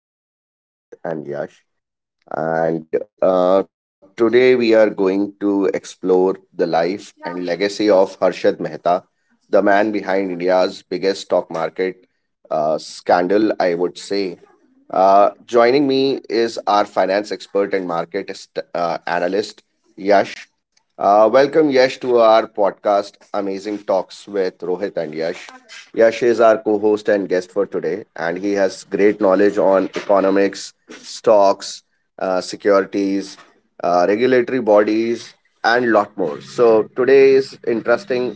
uh, Talking with Rohit and Yash. And today we are going to explore the life and legacy of Harshad Mehta, the man behind India's biggest stock market scandal, I would say. Me is our finance expert and market analyst, Yash. Welcome, Yash, to our podcast, Amazing Talks with Rohit and Yash. Yash is our co host and guest for today, and he has great knowledge on economics, stocks, securities, regulatory bodies, and lot more. So, today's interesting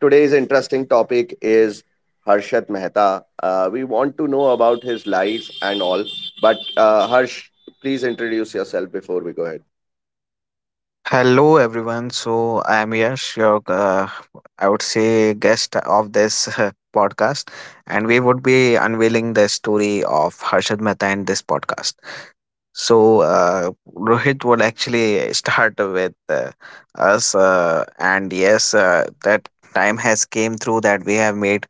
today's interesting topic is Harshat Mehta. We want to know about his life and all, but Harsh, please introduce yourself before we go ahead. Hello everyone. So I'm Yash, your I would say guest of this podcast, and we would be unveiling the story of Harshad Mehta in this podcast. So Rohit would actually start with us, and yes, that time has came through that we have made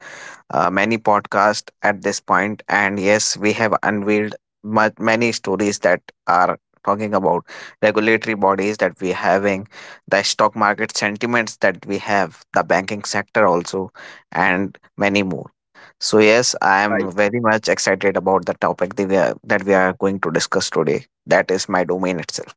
many podcasts at this point, and yes, we have unveiled many stories that are talking about regulatory bodies that we having, the stock market sentiments that we have, the banking sector also, and many more. So yes, I am very much excited about the topic that we are going to discuss today. That is my domain itself.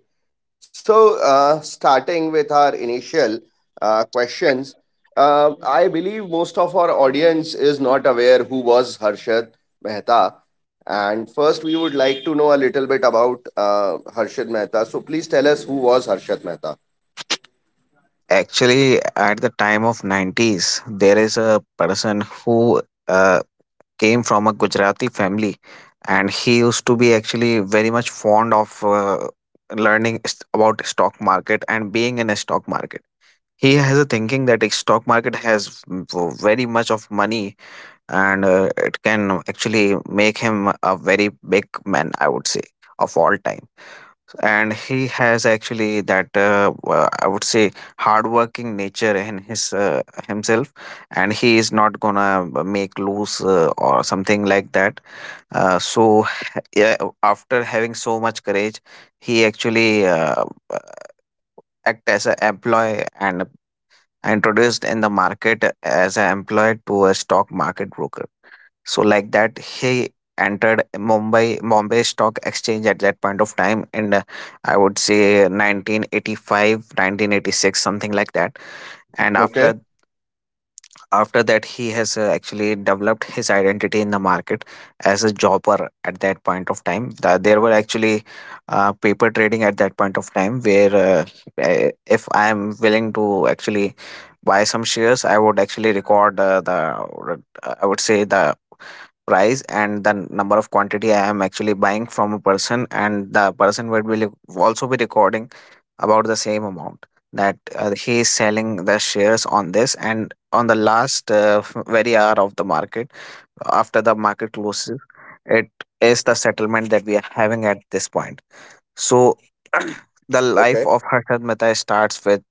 Great. So, starting with our initial questions, I believe most of our audience is not aware who was Harshad Mehta. And first, we would like to know a little bit about Harshad Mehta. So, please tell us who was Harshad Mehta. Actually, at the time of 90s, there is a person who came from a Gujarati family, and he used to be actually very much fond of learning about stock market and being in a stock market. He has a thinking that a stock market has very much of money and it can actually make him a very big man, I would say, of all time, and he has actually that I would say hardworking nature in his himself, and he is not gonna make loose or something like that, so yeah, after having so much courage he actually act as an employee and introduced in the market as an employee to a stock market broker. So like that, he entered Mumbai Bombay Stock Exchange at that point of time, and I would say 1985, 1986, something like that. And Okay. after After that, he has actually developed his identity in the market as a jobber at that point of time. There were actually paper trading at that point of time, where if I am willing to actually buy some shares, I would actually record the I would say the price and the number of quantity I am actually buying from a person, and the person will be also be recording about the same amount that he is selling the shares on this, and on the last very hour of the market, after the market closes, it is the settlement that we are having at this point. So Okay. the life of Harshad Mehta starts with,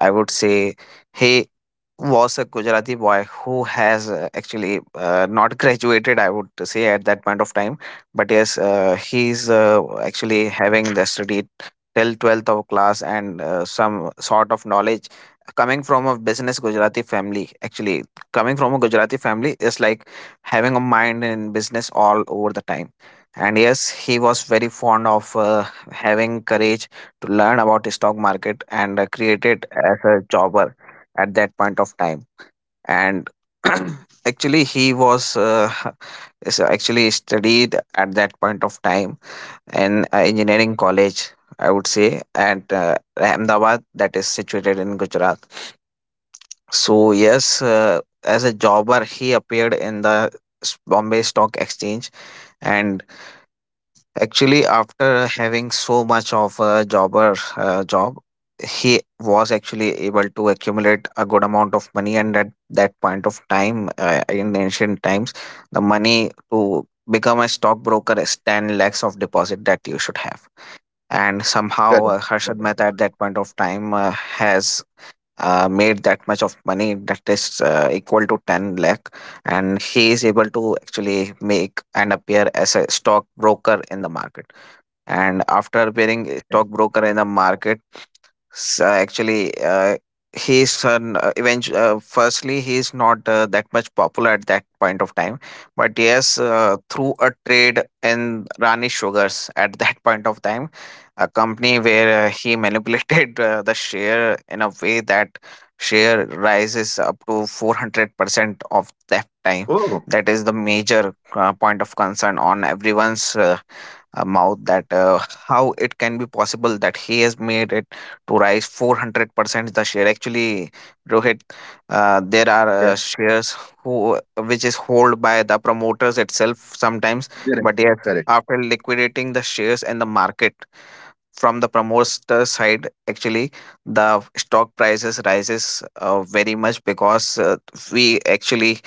I would say, he was a Gujarati boy who has actually not graduated, I would say, at that point of time. But yes, he's actually having the study till 12th of class, and some sort of knowledge coming from a business Gujarati family. Actually, coming from a Gujarati family is like having a mind in business all over the time, and yes, he was very fond of having courage to learn about the stock market, and created as a jobber at that point of time, and actually he was is actually studied at that point of time in engineering college, I would say at Ahmedabad, that is situated in Gujarat. So yes, as a jobber he appeared in the Bombay Stock Exchange, and actually, after having so much of a jobber job, he was actually able to accumulate a good amount of money. And at that point of time, in ancient times, the money to become a stockbroker is 10 lakhs of deposit that you should have. And Correct. somehow, Harshad Mehta at that point of time has made that much of money that is equal to 10 lakh. And he is able to actually make and appear as a stockbroker in the market. And after appearing stockbroker in the market, actually he's eventually firstly he's not that much popular at that point of time, but yes, through a trade in Rani Sugars at that point of time, a company where he manipulated the share in a way that share rises up to 400% of that time. Oh, That is the major point of concern on everyone's mouth, that how it can be possible that he has made it to rise 400%. The share actually, Rohit, there are yeah. Shares who which is held by the promoters itself sometimes, Correct. but Correct. yes, Correct. after liquidating the shares and the market from the promoter side, actually the stock prices rises very much, because we actually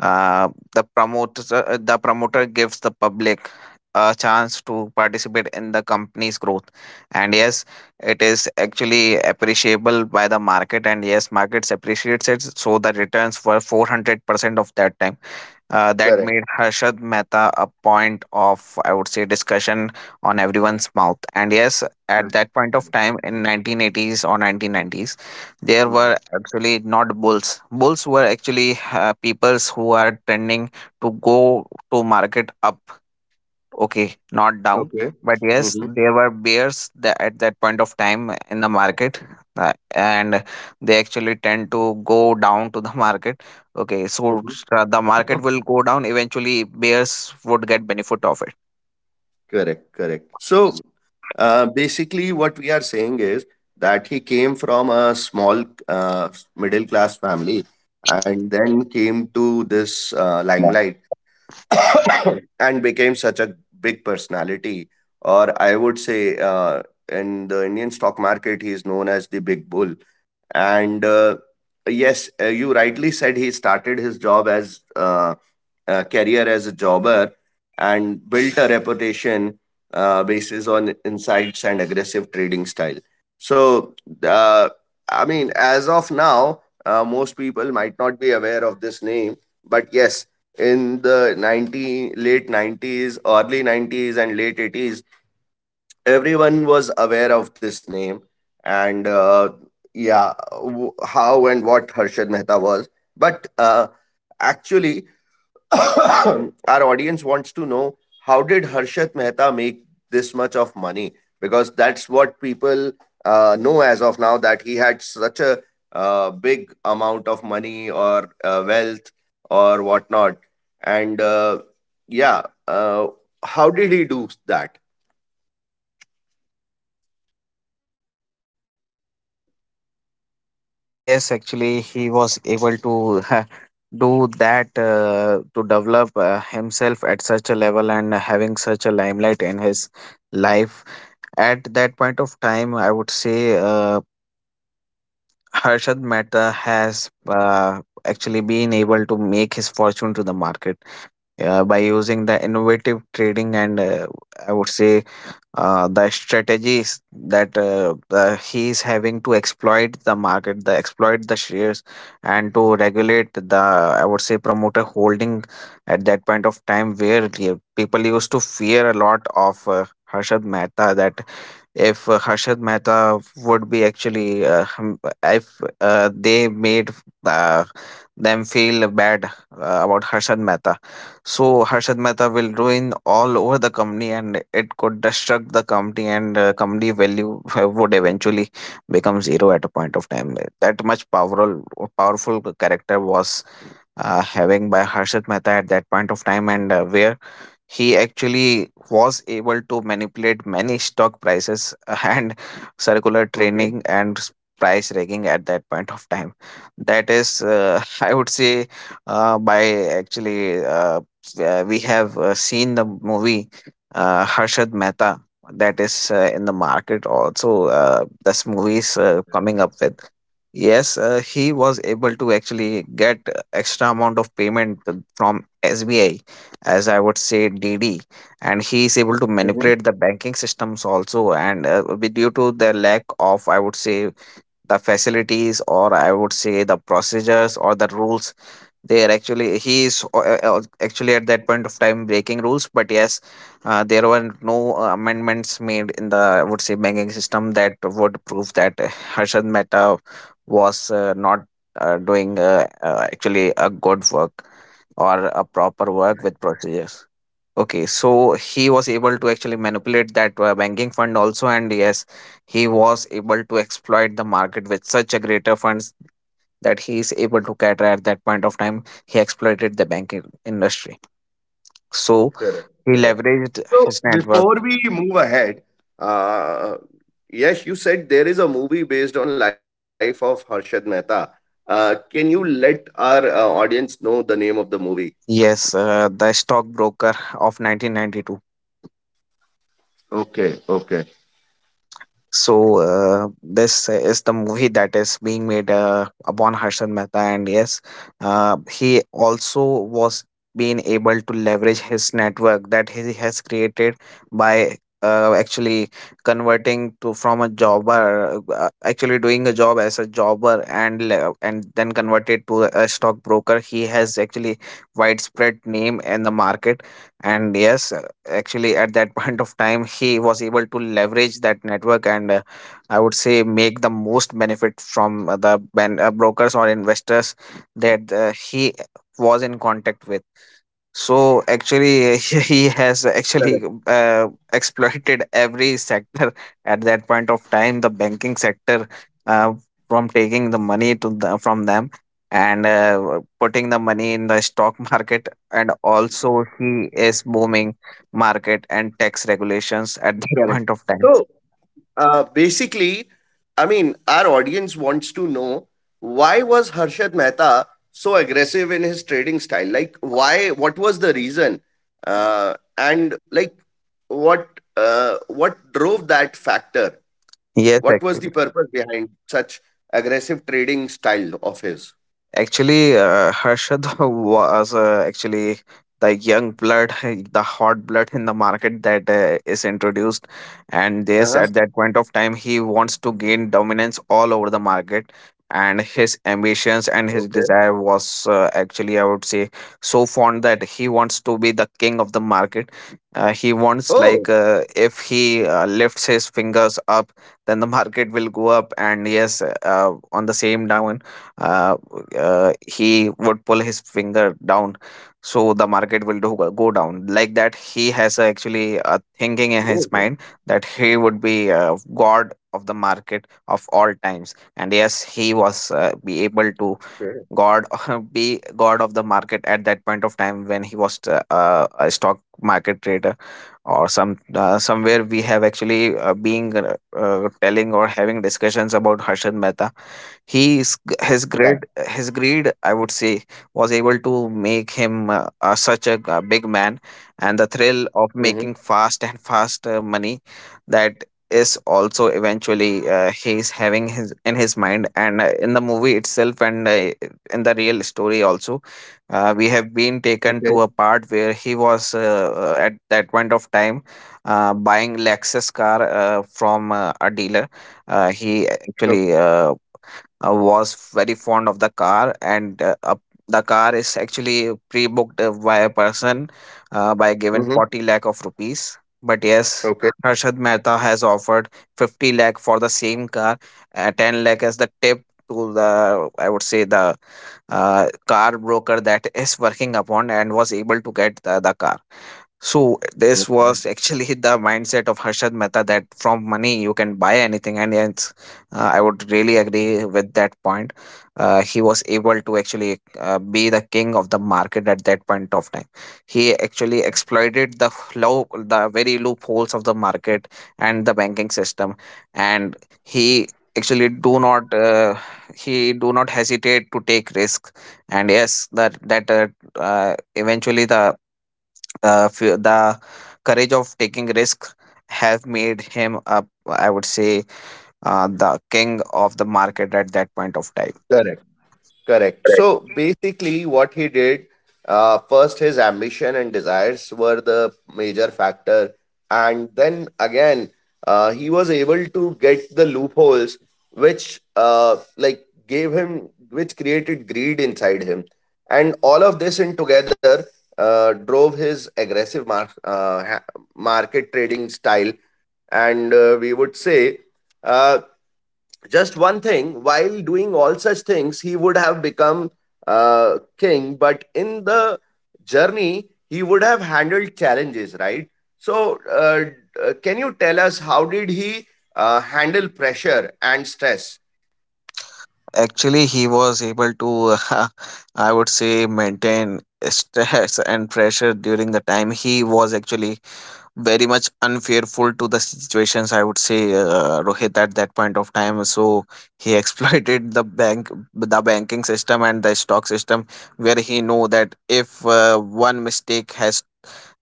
uh, the promoter gives the public a chance to participate in the company's growth, and yes, it is actually appreciable by the market, and yes markets appreciates it, so the returns were 400% of that time. That Correct. made Harshad Mehta a point of, I would say, discussion on everyone's mouth. And yes, at that point of Correct. time in 1980s or 1990s, there were Mhm. actually not bulls. Bulls were actually peoples who are trending to go to market up. Okay, not down, Okay. but yes, Mm-hmm. there were bears that at that point of time in the market, and they actually tend to go down to the market. Okay, so Mm-hmm. The market will go down. Eventually, bears would get benefit of it. Correct, correct. So basically, what we are saying is that he came from a small middle class family and then came to this Yeah. limelight and became such a big personality. Or I would say, in the Indian stock market, he is known as the big bull. And yes, you rightly said he started his job as career as a jobber and built a reputation basis on insights and aggressive trading style. So, uh, I mean, as of now, most people might not be aware of this name, but yes, in the 90, late 90s, early 90s, and late 80s, everyone was aware of this name. And yeah, how and what Harshad Mehta was. But actually, our audience wants to know how did Harshad Mehta make this much of money? Because that's what people know as of now that he had such a big amount of money or wealth or whatnot. And yeah, how did he do that? Yes, actually, he was able to do that, to develop himself at such a level and having such a limelight in his life. At that point of time, I would say Harshad Mehta has actually been able to make his fortune to the market by using the innovative trading, and I would say the strategies that he is having to exploit the market, the exploit the shares, and to regulate the, I would say, promoter holding at that point of time, where the people used to fear a lot of Harshad Mehta, that if Harshad Mehta would be actually if they made uh, them feel bad about Harshad Mehta, so Harshad Mehta will ruin all over the company, and it could destruct the company, and company value would eventually become zero at a point of time. That much powerful character was having by Harshad Mehta at that point of time, and where he actually was able to manipulate many stock prices and circular Okay. trading, and price rigging at that point of time. That is I would say by actually we have seen the movie Harshad Mehta, that is in the market also. This movie is coming up with, yes, he was able to actually get extra amount of payment from SBI, as I would say DD, and he is able to manipulate the Mm-hmm. banking systems also. And due to the lack of, I would say, the facilities, or I would say the procedures or the rules, they are actually he is actually at that point of time breaking rules, but yes, there were no amendments made in the, I would say, banking system that would prove that Harshad Mehta was not doing actually a good work or a proper work with procedures. Okay, so he was able to actually manipulate that banking fund also, and yes, he was able to exploit the market with such a greater funds that he is able to cater at that point of time. He exploited the banking industry, so he Correct. leveraged Correct. his So network. before we move ahead, uh, yes, you said there is a movie based on life of Harshad Mehta. Can you let our audience know the name of the movie? Yes, the stockbroker of 1992. Okay, okay. So this is the movie that is being made upon Harshan Mehta, and yes, he also was being able to leverage his network that he has created by actually converting to from a jobber, actually doing a job as a jobber, and and then converted to a stockbroker. He has actually widespread name in the market, and yes, actually at that point of time he was able to leverage that network, and I would say make the most benefit from brokers or investors that he was in contact with. So actually, he has actually Correct, exploited every sector at that point of time. The banking sector, uh, from taking the money to the, from them, and putting the money in the stock market, and also he is booming market and tax regulations at that correct. point of time. So basically, I mean, our audience wants to know why was Harshad Mehta so aggressive in his trading style? Like, why? What was the reason? Uh, and like, what what drove that factor? Yes, What was actually. the purpose behind such aggressive trading style of his? Actually, Harshad was actually the young blood, the hot blood in the market that is introduced. And yes, at Uh-huh. that point of time, he wants to gain dominance all over the market. And his ambitions and his desire Okay. was actually, I would say, so fond that he wants to be the king of the market. He wants, Oh, like, if he lifts his fingers up, then the market will go up. And yes, on the same down. uh, he would pull his finger down so the market will do, go down. Like that, he has a, actually a oh thinking in his mind that he would be god of the market of all times. And yes, he was be okay. able to god be god of the market at that point of time when he was a stock market trader or somewhere we have actually being telling or having discussions about Harshad Mehta. He's His Right. greed, his greed, I would say, was able to make him such a, g- big man, and the thrill of Mm-hmm. making fast and fast money, that is also eventually he's having his in his mind, and in the movie itself, and in the real story also, we have been Okay. taken to a part where he was at that point of time buying lexus car from a dealer. He Okay. actually was very fond of the car, and the car is actually pre-booked by a person, by Mm-hmm. given 40 lakh of rupees. But Okay. yes, harshad mehta has offered 50 lakh for the same car, 10 lakh as the tip to the, I would say, the car broker that is working upon, and was able to get the car. So this Okay. was actually the mindset of Harshad Mehta, that from money you can buy anything. And yes, I would really agree with that point. He was able to actually be the king of the market at that point of time. He Yeah. actually exploited the very loopholes of the market and the banking system, and he actually do not, he do not hesitate to take risk. And yes, that that eventually the uh, fe- the courage of taking risk have made him up, I would say, the king of the market at that point of time. Correct. Correct. Correct. So basically, what he did first, his ambition and desires were the major factor. And then again, he was able to get the loopholes which like gave him, which created greed inside him. And all of this in together drove his aggressive market trading style. And we would say, uh, just one thing, while doing all such things, he would have become king, but in the journey, he would have handled challenges, right? So, can you tell us how did he handle pressure and stress? Actually, he was able to I would say maintain stress and pressure during the time. He was actually very much unfaithful to the situations, I would say, Rohit, at that point of time. So he exploited the bank the banking system and the stock system, where he know that if one mistake has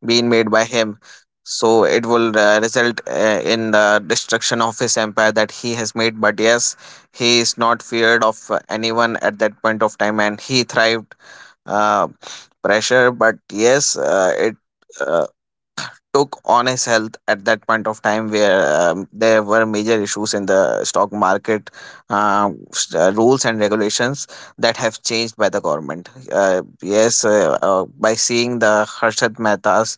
been made by him, so it will result in the destruction of his empire that he has made. But yes, he is not feared of anyone at that point of time, and he thrived uh, pressure. But yes, it uh, took on his health at that point of time, where there were major issues in the stock market rules and regulations that have changed by the government. Yes, by seeing the harshad mehta's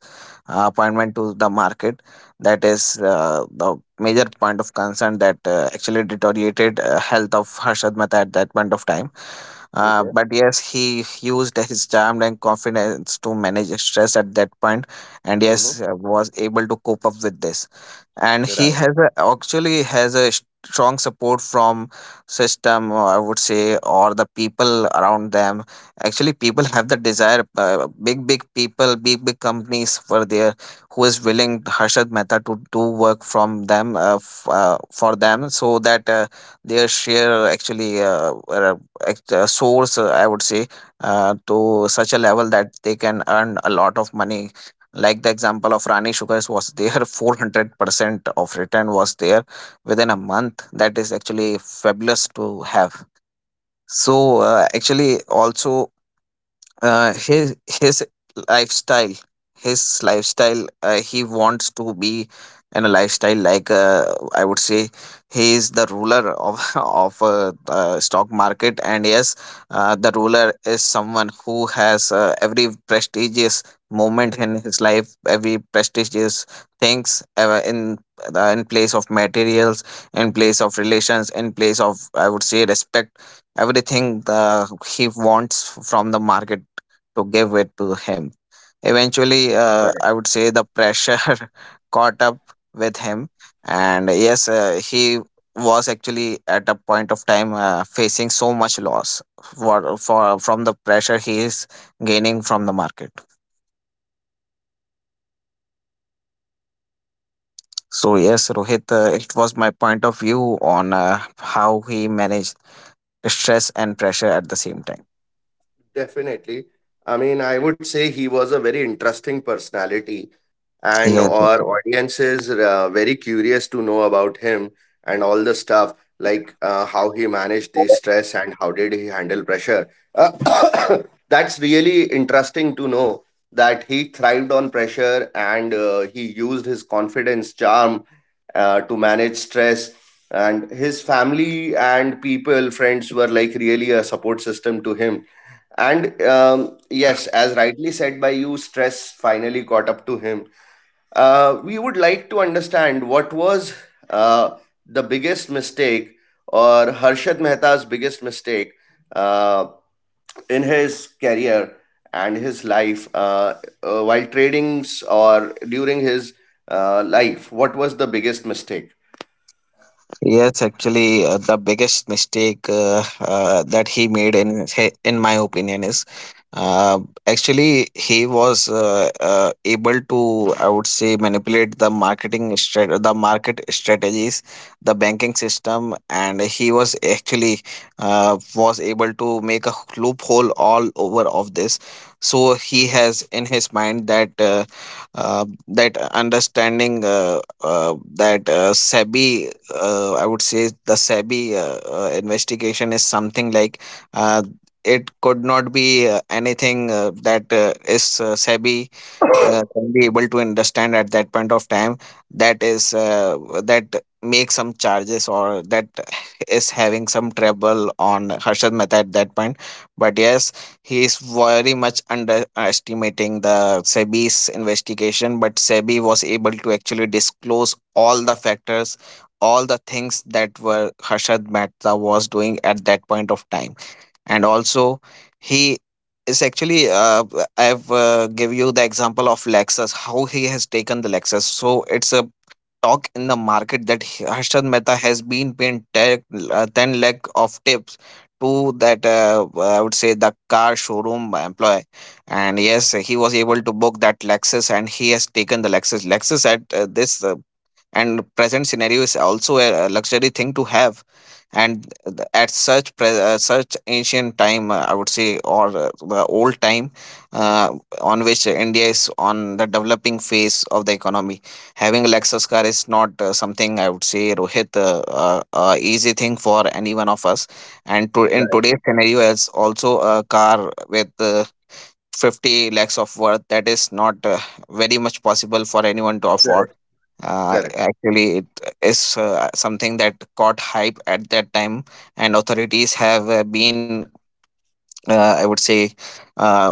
appointment to the market, that is the major point of concern that actually deteriorated health of harshad mehta at that point of time. Okay. But yes, he used his charm and confidence to manage stress at that point, and Hmm. yes, was able to cope up with this. And he Right. has a, actually has a strong support from system, or I would say, or the people around them. Actually, people have the desire. Big big people, big big companies were there who is willing Harshad Mehta to do work from them, for them, so that their share actually act- source I would say, to such a level that they can earn a lot of money. Like the example of rani sugars was there. 400% of return was there within a month, that is actually fabulous to have. So actually, also, his lifestyle, his lifestyle, he wants to be in a lifestyle like, I would say, he is the ruler of of the stock market. And yes, the ruler is someone who has every prestigious moment in his life, every prestigious things in place of materials, in place of relations, in place of, I would say, respect. Everything the, he wants from the market to give it to him. Eventually, I would say the pressure caught up with him, and yes, he was actually at a point of time facing so much loss for from the pressure he is gaining from the market. So yes, Rohit, it was my point of view on how he managed stress and pressure at the same time. Definitely. I mean, I would say he was a very interesting personality, and Yes. our audiences very curious to know about him and all the stuff like how he managed the stress and how did he handle pressure. Uh, that's really interesting to know that he thrived on pressure and he used his confidence charm to manage stress and his family and people friends were like really a support system to him and yes as rightly said by you stress finally caught up to him. Uh, we would like to understand what was uh, the biggest mistake or Harshad Mehta's biggest mistake uh, in his career and his life, while tradings or during his life. What was the biggest mistake? Yes, actually, the biggest mistake that he made, in my opinion, is uh, actually he was able to, I would say, manipulate the the market strategies, the banking system, and he was actually was able to make a loophole all over of this. So he has in his mind that that understanding that SEBI, I would say the SEBI investigation is something like, uh, it could not be anything that is SEBI can be able to understand at that point of time, that is that make some charges, or that is having some trouble on Harshad Mehta at that point. But yes, he is very much underestimating the SEBI's investigation. But SEBI was able to actually disclose all the factors, all the things that were Harshad Mehta was doing at that point of time. And also, he is actually I've give you the example of lexus, how he has taken the lexus. So it's a talk in the market that harshad mehta has been paying 10 lakh of tips to that, I would say, the car showroom employee. And yes, he was able to book that lexus, and he has taken the lexus at this and present scenario is also a luxury thing to have. And at such such ancient time, I would say, or the old time uh, on which india is on the developing phase of the economy, having a lexus car is not something, I would say, Rohit, easy thing for any one of us. And to, in Right, today's scenario as also, a car with 50 lakhs of worth, that is not very much possible for anyone to afford. correct, correct, Actually it is something that caught hype at that time, and authorities have been I would say, uh, w-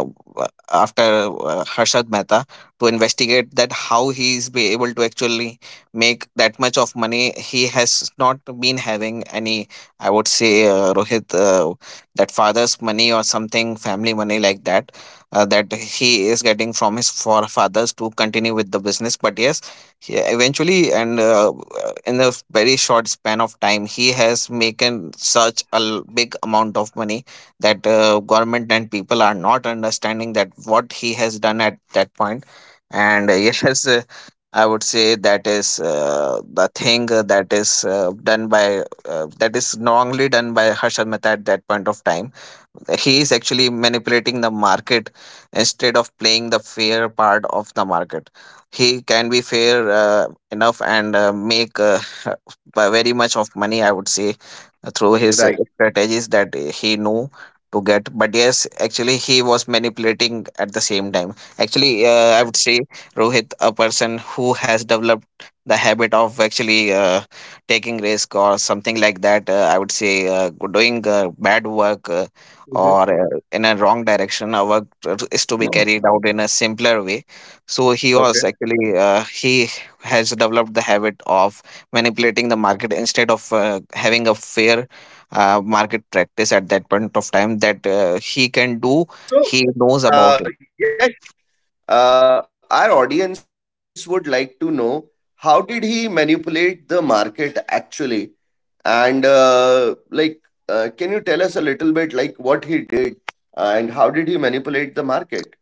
after Harshad Mehta to investigate that how he's be able to actually make that much of money. He has not been having any, I would say, Rohit, that father's money or something, family money like that, that he is getting from his forefathers to continue with the business. But yes, he eventually and in a very short span of time, he has making such a big amount of money, that government and people are not understanding that what he has done at that point. And yes, I would say that is the thing that is done by that is wrongly done by harshad mehta at that point of time. He is actually manipulating the market, instead of playing the fair part of the market. He can be fair, enough, and make, very much of money, I would say, through his right. Strategies that he knew to get. But yes, actually, he was manipulating at the same time. Actually, I Okay. would say, Rohit, a person who has developed the habit of actually taking risk or something like that, I would say, doing bad work, Hmm. or in a wrong direction, our work is to be carried out in a simpler way. So he was Okay. actually he has developed the habit of manipulating the market, instead of having a fair, market practice at that point of time, that he can do. So, He knows about. Yeah, our audience would like to know how did he manipulate the market actually, and like, can you tell us a little bit like what he did and how did he manipulate the market?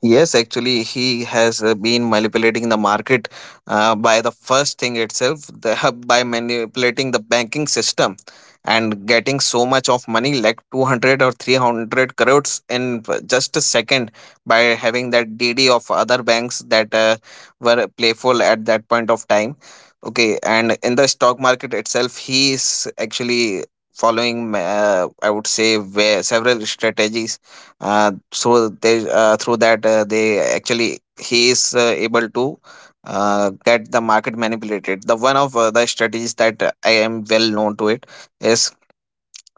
Yes, actually, he has been manipulating the market by the first thing itself, the, by manipulating the banking system and getting so much of money, like 200 crores or 300 crores in just a second, by having that DD of other banks that were playful at that point of time. Okay, and in the stock market itself, he is actually following, I would say, where several strategies so they through that they actually he is able to get the market manipulated. The one of the strategies that I am well known to it is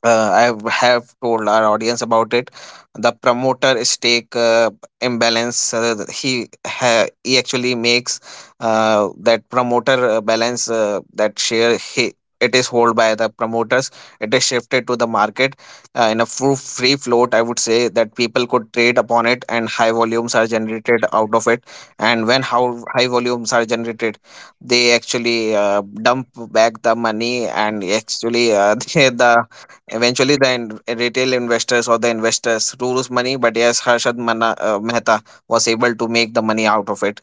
I have told our audience about it. The promoter stake imbalance, he actually makes that promoter balance, that share he, it is held by the promoters. It is shifted to the market in a free float. I would say that people could trade upon it, and high volumes are generated out of it. And when how high volumes are generated, they actually dump back the money, and actually the eventually, the retail investors or the investors to lose money, but yes, Mehta was able to make the money out of it.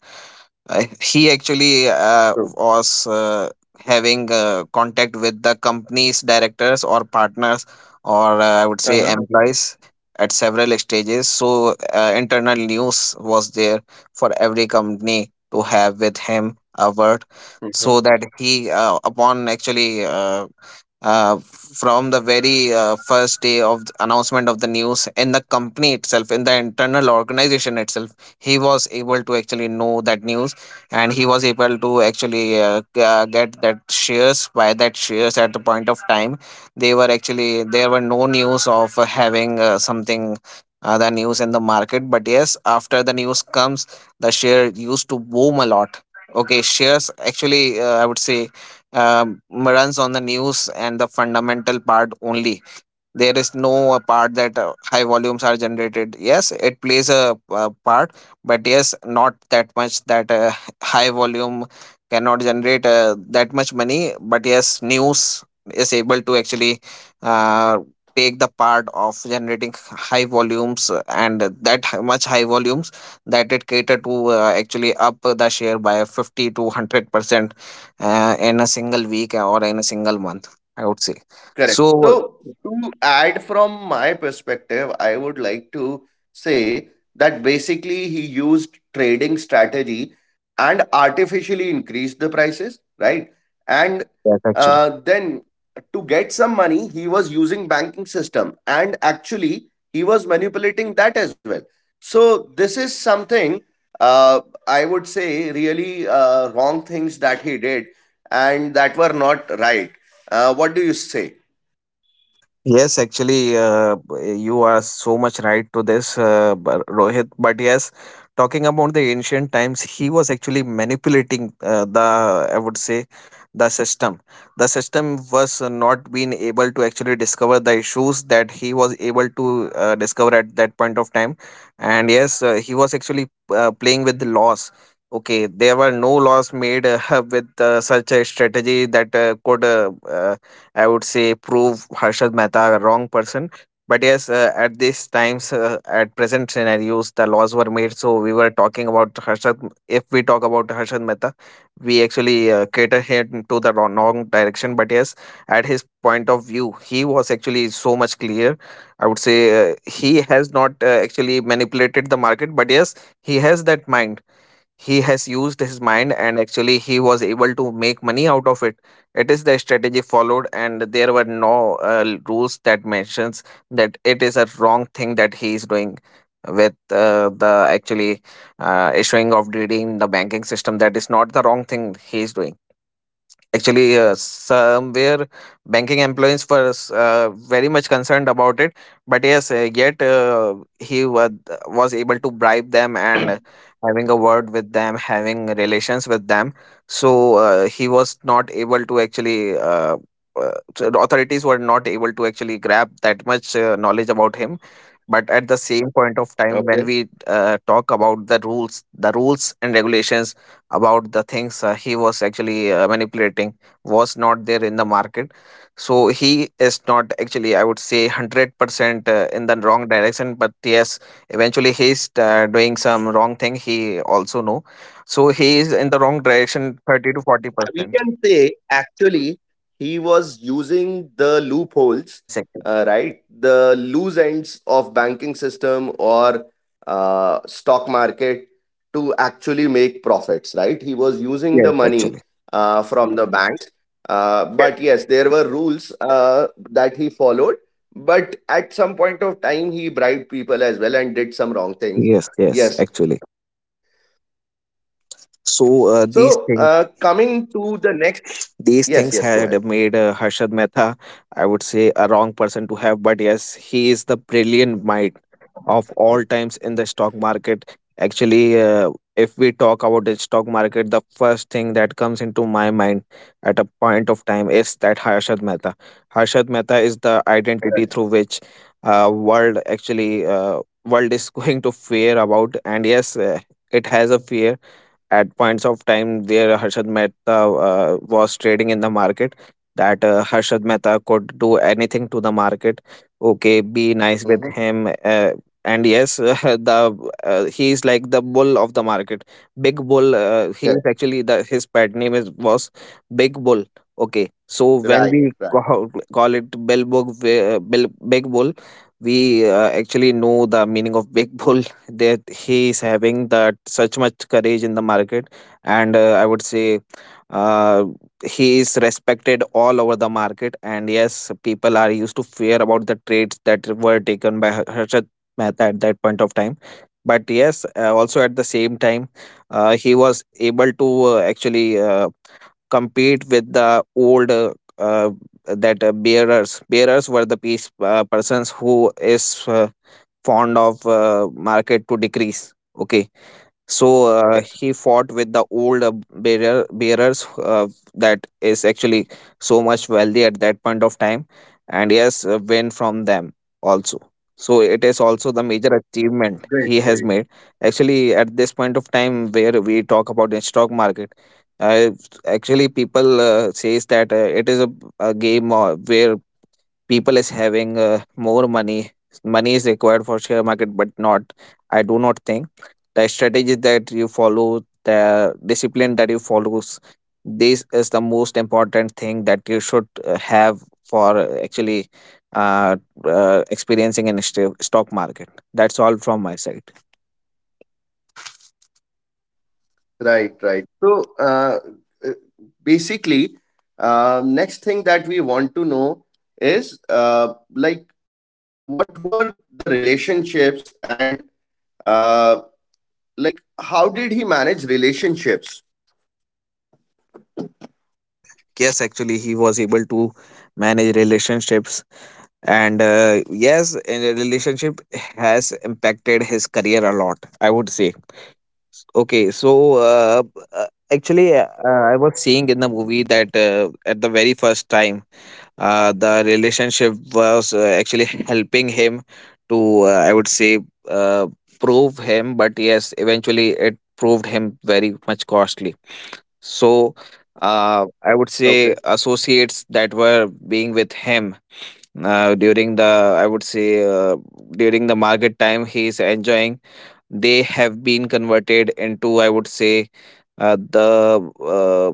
He actually was True. Having contact with the company's directors or partners, or I would say employees Uh-huh. at several stages. So, internal news was there for every company to have with him a word so that Mhm. he upon actually uh, from the very first day of the announcement of the news in the company itself, in the internal organization itself, he was able to actually know that news, and he was able to actually get that shares, buy that shares at the point of time. They were actually, there were no news of having something other news in the market, but yes, after the news comes, the share used to boom a lot. Okay, shares actually, I would say, Correct. Correct. um runs on the news and the fundamental part only. There is no a part that high volumes are generated. Yes, it plays a, part, but yes, not that much that high volume cannot generate that much money. But yes, news is able to actually uh, take the part of generating high volumes and that much high volumes that it cater to actually up the share by 50 to 100% in a single week or in a single month, I would say. So Correct. So, to add from my perspective, I would like to say that basically he used trading strategy and artificially increased the prices, right? yes, actually. And then to get some money, he was using banking system and actually he was manipulating that as well. So this is something uh, I would say really wrong things that he did and that were not right. What do you say? Yes, actually, you are so much right to this, Rohit. But yes, talking about the ancient times, he was actually manipulating the, I would say, the system. The system was not being able to actually discover the issues that he was able to discover at that point of time. And yes, he was actually playing with the laws. Okay, there were no laws made with such a strategy that could I would say prove Harshad Mehta a wrong person. But yes, at these times, at present scenarios, the laws were made. So we were talking about Harshad. If we talk about Harshad Mehta, we actually cater him to the wrong direction. But yes, at his point of view, he was actually so much clear. I would say he has not actually manipulated the market, but yes, he has that mind, he has used his mind, and actually he was able to make money out of it. It is the strategy followed, and there were no rules that mentions that it is a wrong thing that he is doing with the actually issuing of DD in the banking system. That is not the wrong thing he is doing. Actually, somewhere banking employees were very much concerned about it. But yes, yet he was able to bribe them and having a word with them, having relations with them. So he was not able to actually. Uh, so the authorities were not able to actually grab that much knowledge about him. But at the same point of time, when Okay. we talk about the rules, the rules and regulations about the things he was actually manipulating was not there in the market. So he is not actually, I would say, 100% in the wrong direction. But yes, eventually he's doing some wrong thing, he also know. So he is in the wrong direction So 30 to we 40%. can say actually he was using the loopholes, Yes, actually. Right? The loose ends of banking system or stock market to actually make profits, right? He was using Yes, the actually. money from the banks. Yes, But yes, there were rules that he followed. But at some point of time, he bribed people as well and yes. did some Yes, wrong things. actually. Yes. So So, coming to the next. these things Yes, yes, go had ahead. made Harshad Mehta, I would say, a wrong person to have. But yes, he is the brilliant mind of all times in the stock market. Actually, if we talk about the stock market, the first thing that comes into my mind at a point of time is that Harshad Mehta. Harshad Mehta is the identity through which world actually world is going to fear about. And yes, it has a fear at points of time where Harshad Mehta was trading in the market, that Harshad Mehta could do anything to the market. Okay, be nice with him. Mm-hmm. And yes, the he is like the bull of the market, big bull. He is actually the, his pet name Correct. is, was Big Bull. Okay, so when we call, Right. it Bill Right. Bug, Bill Big Bull, we actually know the meaning of Big Bull, that he is having that such much courage in the market. And I would say uh, he is respected all over the market. And yes, people are used to fear about the trades that were taken by Harshad Mehta at that point of time. But yes, also at the same time, he was able to actually compete with the old uh, that bearers were the piece persons who is uh, fond of market to decrease. Okay, so he fought with the old Correct. Bearers, that is actually so much wealthy at that point of time. And yes, win from them also. So it is also the major achievement he has Great. made. Great. Actually, at this point of time where we talk about the stock market, uh, actually people says that it is a game where people is having more money, money is required for share market. But not, I do not think. The strategy that you follow, the discipline that you follows, this is the most important thing that you should have for actually uh, experiencing in stock market. That's all from my side. Right. Right. So, uh, basically, next thing that we want to know is like what were the relationships and uh, like how did he manage relationships? Yes, actually, he was able to manage relationships, and yes, in a relationship has impacted his career a lot, I would say. Okay, so actually, I was seeing in the movie that at the very first time, the relationship was actually helping him to, I would say, uh, prove him. But yes, eventually it proved him very much costly. So I would say Okay. associates that were being with him during the, I would say, during the market time, he's enjoying. They have been converted into, I would say, the uh,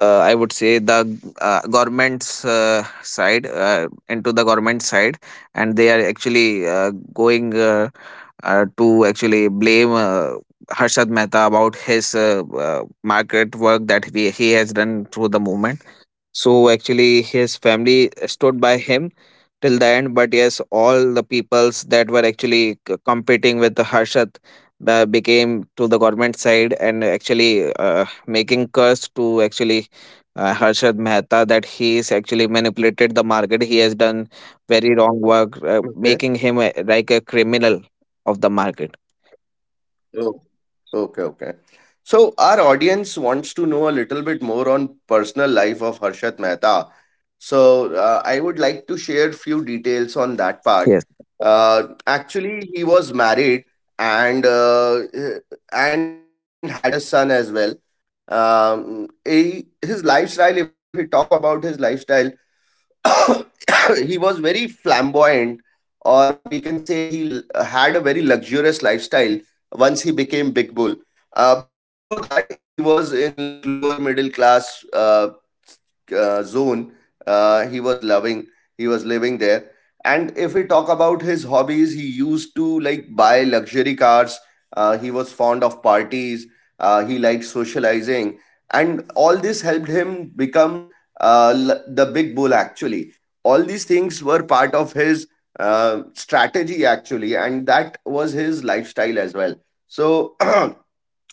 I would say the government's side into the government side. And they are actually going to actually blame Harshad Mehta about his market work that he has done through the movement. So actually, his family stood by him till the end. But yes, all the peoples that were actually competing with the Harshat became to the government side, and actually making curse to actually Harshad Mehta that he is actually manipulated the market. He has done very wrong work, Okay. making him a, like a criminal of the market. Okay, okay. So our audience wants to know a little bit more on personal life of Harshat Mehta. So I would like to share few details on that part. Actually, he was married and and had a son as well. He, his lifestyle, if we talk about his lifestyle, he was very flamboyant, or we can say had a very luxurious lifestyle once he became Big Bull. Before that, he was in like lower middle class. Zone, he was loving he was living there. If we talk about his hobbies, he used to like buy luxury cars. Uh, he was fond of parties. Uh, he liked socializing, and all this helped him become the big bull actually. All these things were part of his strategy actually, and that was his lifestyle as well. So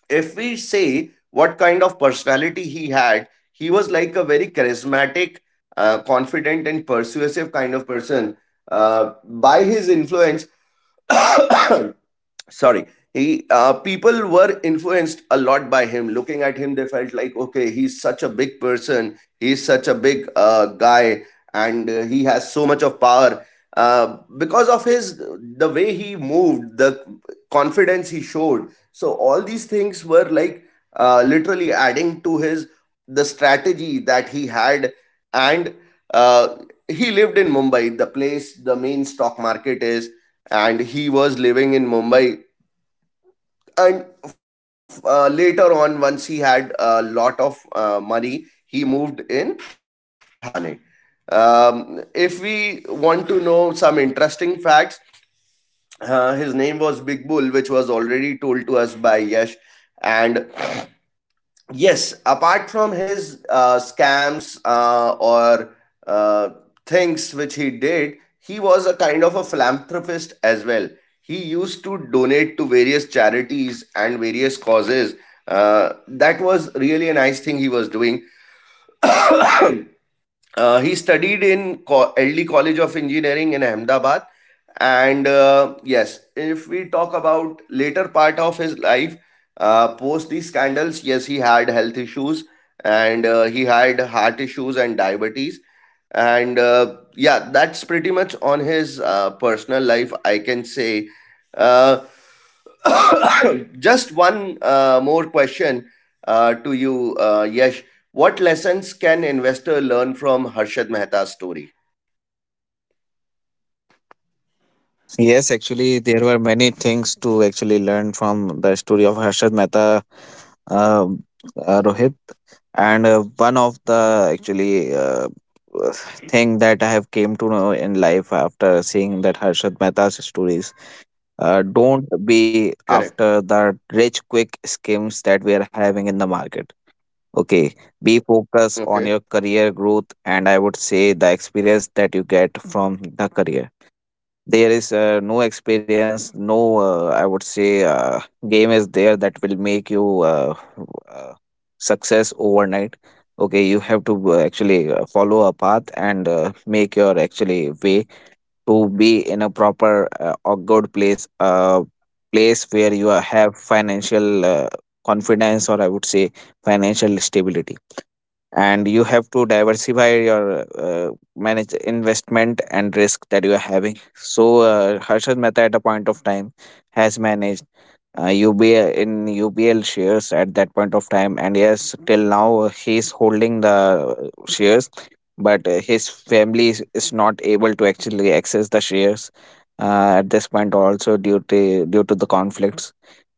if we say what kind of personality he had, he was like a very charismatic, confident, and persuasive kind of person. By his influence, sorry, he people were influenced a lot by him. They felt like, okay, he's such a big person, he's such a big guy, and he has so much of power because of his the way he moved, the confidence he showed. So all these things were like literally adding to his the strategy he had. And uh, he lived in Mumbai, the place the main stock market is, and he was living in Mumbai. And later on, once he had a lot of money, he moved in Thane. If we want to know some interesting facts, his name was Big Bull, which was already told to us by Yash, and yes, apart from his scams or uh, things which he did, he was a kind of a philanthropist as well. He used to donate to various charities and various causes. Uh, that was really a nice thing he was doing. Uh, he studied in LD College of Engineering in Ahmedabad. And yes, if we talk about later part of his life, post these scandals, yes, he had health issues, and he had heart issues and diabetes. And yeah, that's pretty much on his personal life, I can say. Uh, Just one more question to you, Yash. What lessons can investor learn from Harshad Mehta's story? Yes, actually, there were many things to actually learn from the story of Harshad Mehta, uh, Rohit. And one of the actually thing that I have came to know in life after seeing that Harshad Mehta's stories. Don't be Correct. after the rich quick schemes that we are having in the market. Okay, be focused on Okay. your career growth, and I would say the experience that you get from the career. There is no experience, Right. no, I would say, game is there that will make you uh, success overnight. Okay, you have to actually follow a path and make your actually way to be in a proper or good place, place where you are, have financial confidence, or I would say financial stability. And you have to diversify your manage investment and risk that you are having. So Harshad Mehta at a point of time has managed uh, UBL, in UBL shares at that point of time. And yes, till now he is holding the shares. But his family is not able to actually access the shares at this point also, due to the conflicts.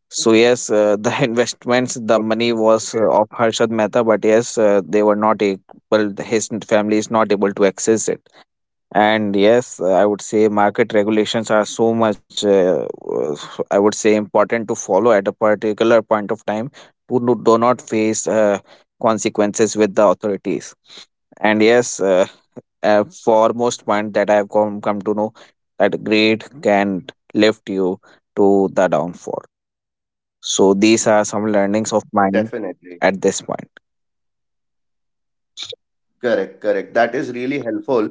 So yes, the investments, the money was of Harshad Mehta, but yes, they were not able. His family is not able to access it. And yes, I would say market regulations are so much, I would say, important to follow at a particular point of time to no, do not face consequences with the authorities. And yes, a foremost point that I have come to know, that greed can lift you to the downfall. So these are some learnings of mine Definitely. at this point. Correct, correct. That is really helpful.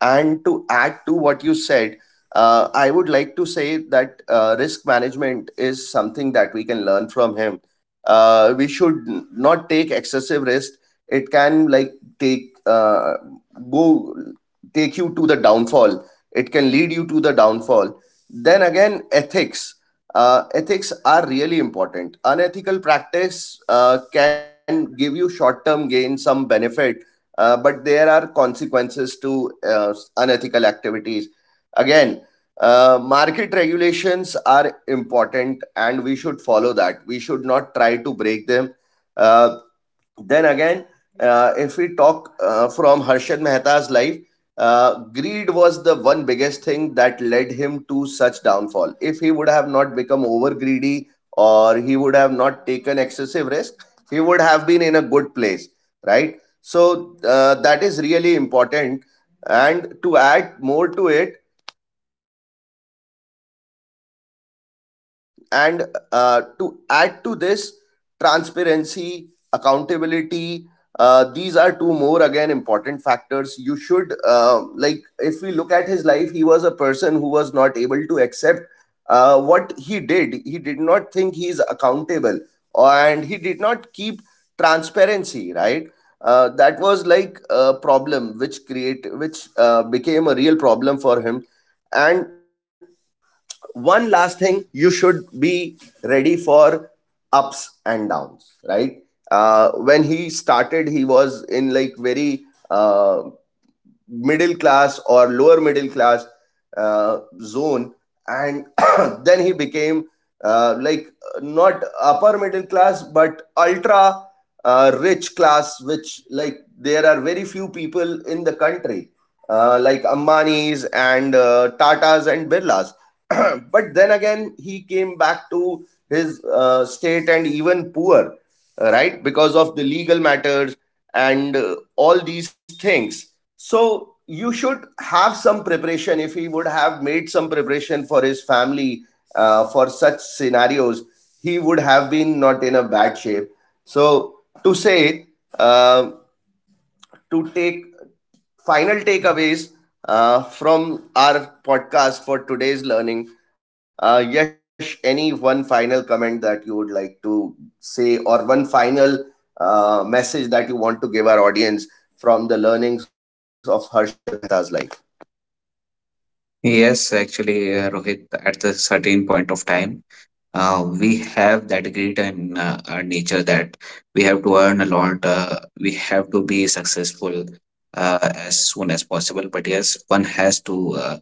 And to add to what you said, I would like to say that risk management is something that we can learn from him. We should not take excessive risk. It can like take uh, go take you to the downfall. It can lead you to the downfall. Then again, ethics. Ethics are really important. Unethical practice can give you short term gain, some benefit, but there are consequences to unethical activities. Again, market regulations are important and we should follow that. We should not try to break them. Uh, then again, if we talk from Harshad Mehta's life, greed was the one biggest thing that led him to such downfall. If he would have not become over greedy or he would have not taken excessive risk, he would have been in a good place, right? So that is really important. And to add more to it, and to add to this, transparency, accountability, these are two more again important factors you should, like if we look at his life, he was a person who was not able to accept, what he did. He did not think he is accountable, and he did not keep transparency, right? That was like a problem which create which became a real problem for him. And one last thing, you should be ready for ups and downs, right? When he started, he was in like very uh, middle class or middle class zone. And then he became like not upper middle class but ultra rich class, which like there are very few people in the country, like Ambanis and Tatas and Birlas. But then again, he came back to his state and even poor, right, because of the legal matters and all these things. So you should have some preparation. If he would have made some preparation for his family for such scenarios, he would have been not in a bad shape. So to say, um to take final takeaways from our podcast for today's learning. Yash, any one final comment that you would like to say, or one final message that you want to give our audience from the learnings of Harshad Mehta's life? Yes, actually, Rohit, at a certain point of time, we have that grit in our nature that we have to earn a lot, we have to be successful as soon as possible. But yes, one has to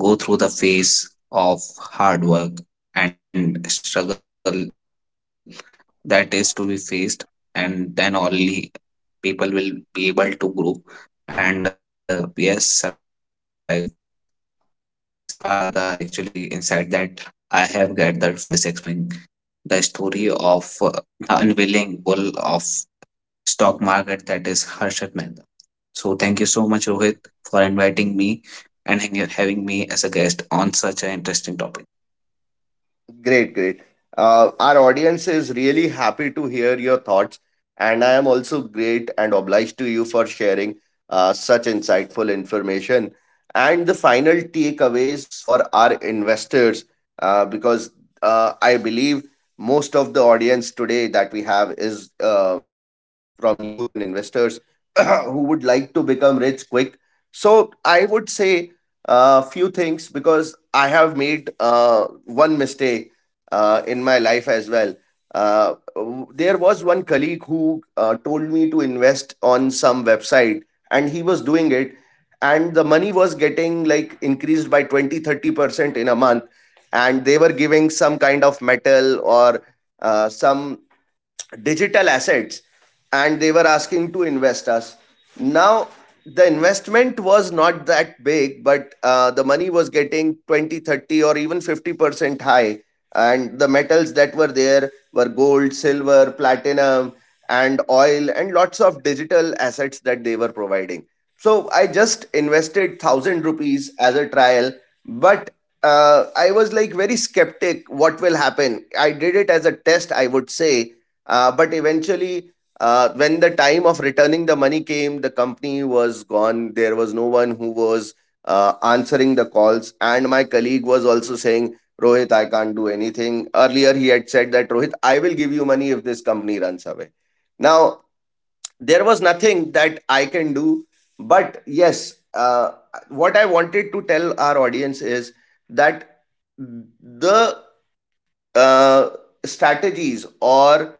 go through the phase of hard work and struggle that is to be faced, and then only people will be able to grow, and yes, survive. So this are the actually insight that I have gathered from this experience of having the story of the unveiling bull of stock market, that is Harshad Mehta. So thank you so much, Rohit, for inviting me and having me as a guest on such an interesting topic. Great, great. Our audience is really happy to hear your thoughts, and I am also great and obliged to you for sharing such insightful information. And the final takeaways for our investors, because I believe most of the audience today that we have is from youth and investors. Who would like to become rich quick. So I would say few things because I have made one mistake in my life as well. There was one colleague who told me to invest on some website, and he was doing it, and the money was getting like increased by 20, 30 month, and they were giving some kind of metal or some digital assets, and they were asking to invest us now. The investment was not that big, but the money was getting 20, 30, or even 50% high. And the metals that were there were gold, silver, platinum, and oil, and lots of digital assets that they were providing. So I just invested 1,000 rupees as a trial. But I was like very skeptic what will happen. I did it as a test, I would say. But eventually, when the time of returning the money came, the company was gone. There who was answering the calls. And my colleague was also saying, Rohit, I can't do anything. Earlier, he had said that, Rohit, I will give you money if this company runs away. Now, there was nothing that I can do. But yes, what I wanted to tell our audience is that the uh, strategies or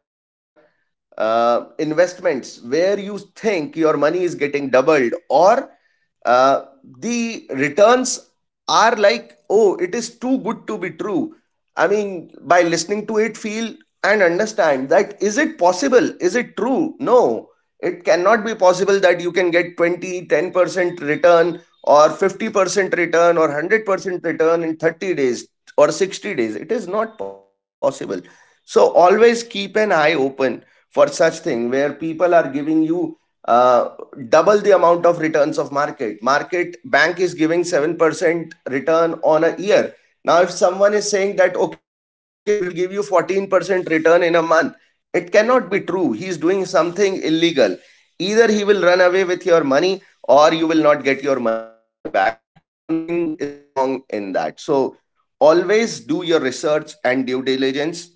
investments where you think your money is getting doubled, or uh, the returns are like, oh, it is too good to be true. I mean, by listening to it, feel and understand that, is it possible, is it true? No, it cannot be possible that you can get twenty ten percent return or 50% return or 100% return in 30 days or 60 days. It is not possible. So always keep an eye open for such thing where people are giving you uh, double the amount of returns of market. Market bank is giving 7% return on a year. Now if someone is saying that, okay, we will give you 14% return in a month, it cannot be true. He is doing something illegal. Either he will run away with your money or you will not get your money back. Something is wrong in that. So always do your research and due diligence.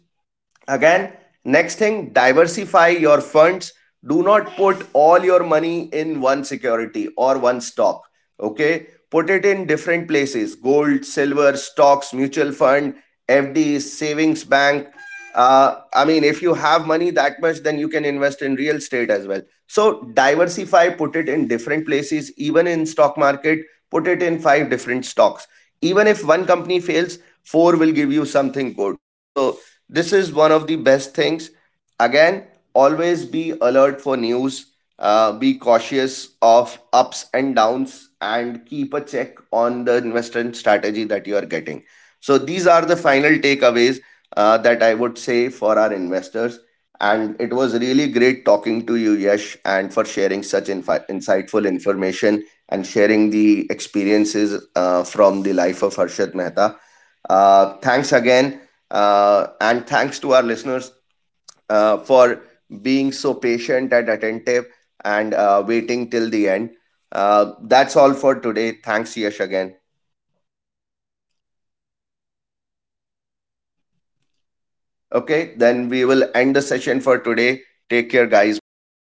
Again, next thing, diversify your funds. Do not put all your money in one security or one stock. Okay, put it in different places: gold, silver, stocks, mutual fund, FDs, savings bank. I mean, if you that much, then you can invest in real estate as well. So diversify, put it in different places. Even in stock market, put it in five different stocks. Even if one company fails, four will give you something good. So this is one of the best things. Again, always be alert for news, be cautious of ups and downs, and keep a check on the investment strategy that you are getting. So these are the final takeaways that I would say for our investors. And it was really great talking to you, Yash, and for sharing such insightful information and sharing the experiences from the life of Harshad Mehta. Thanks again, and thanks to listeners for being so patient and attentive and waiting till the end. That's all for today. Thanks, Yash, again. Okay, then we will end the session for today. Take care, guys. Bye.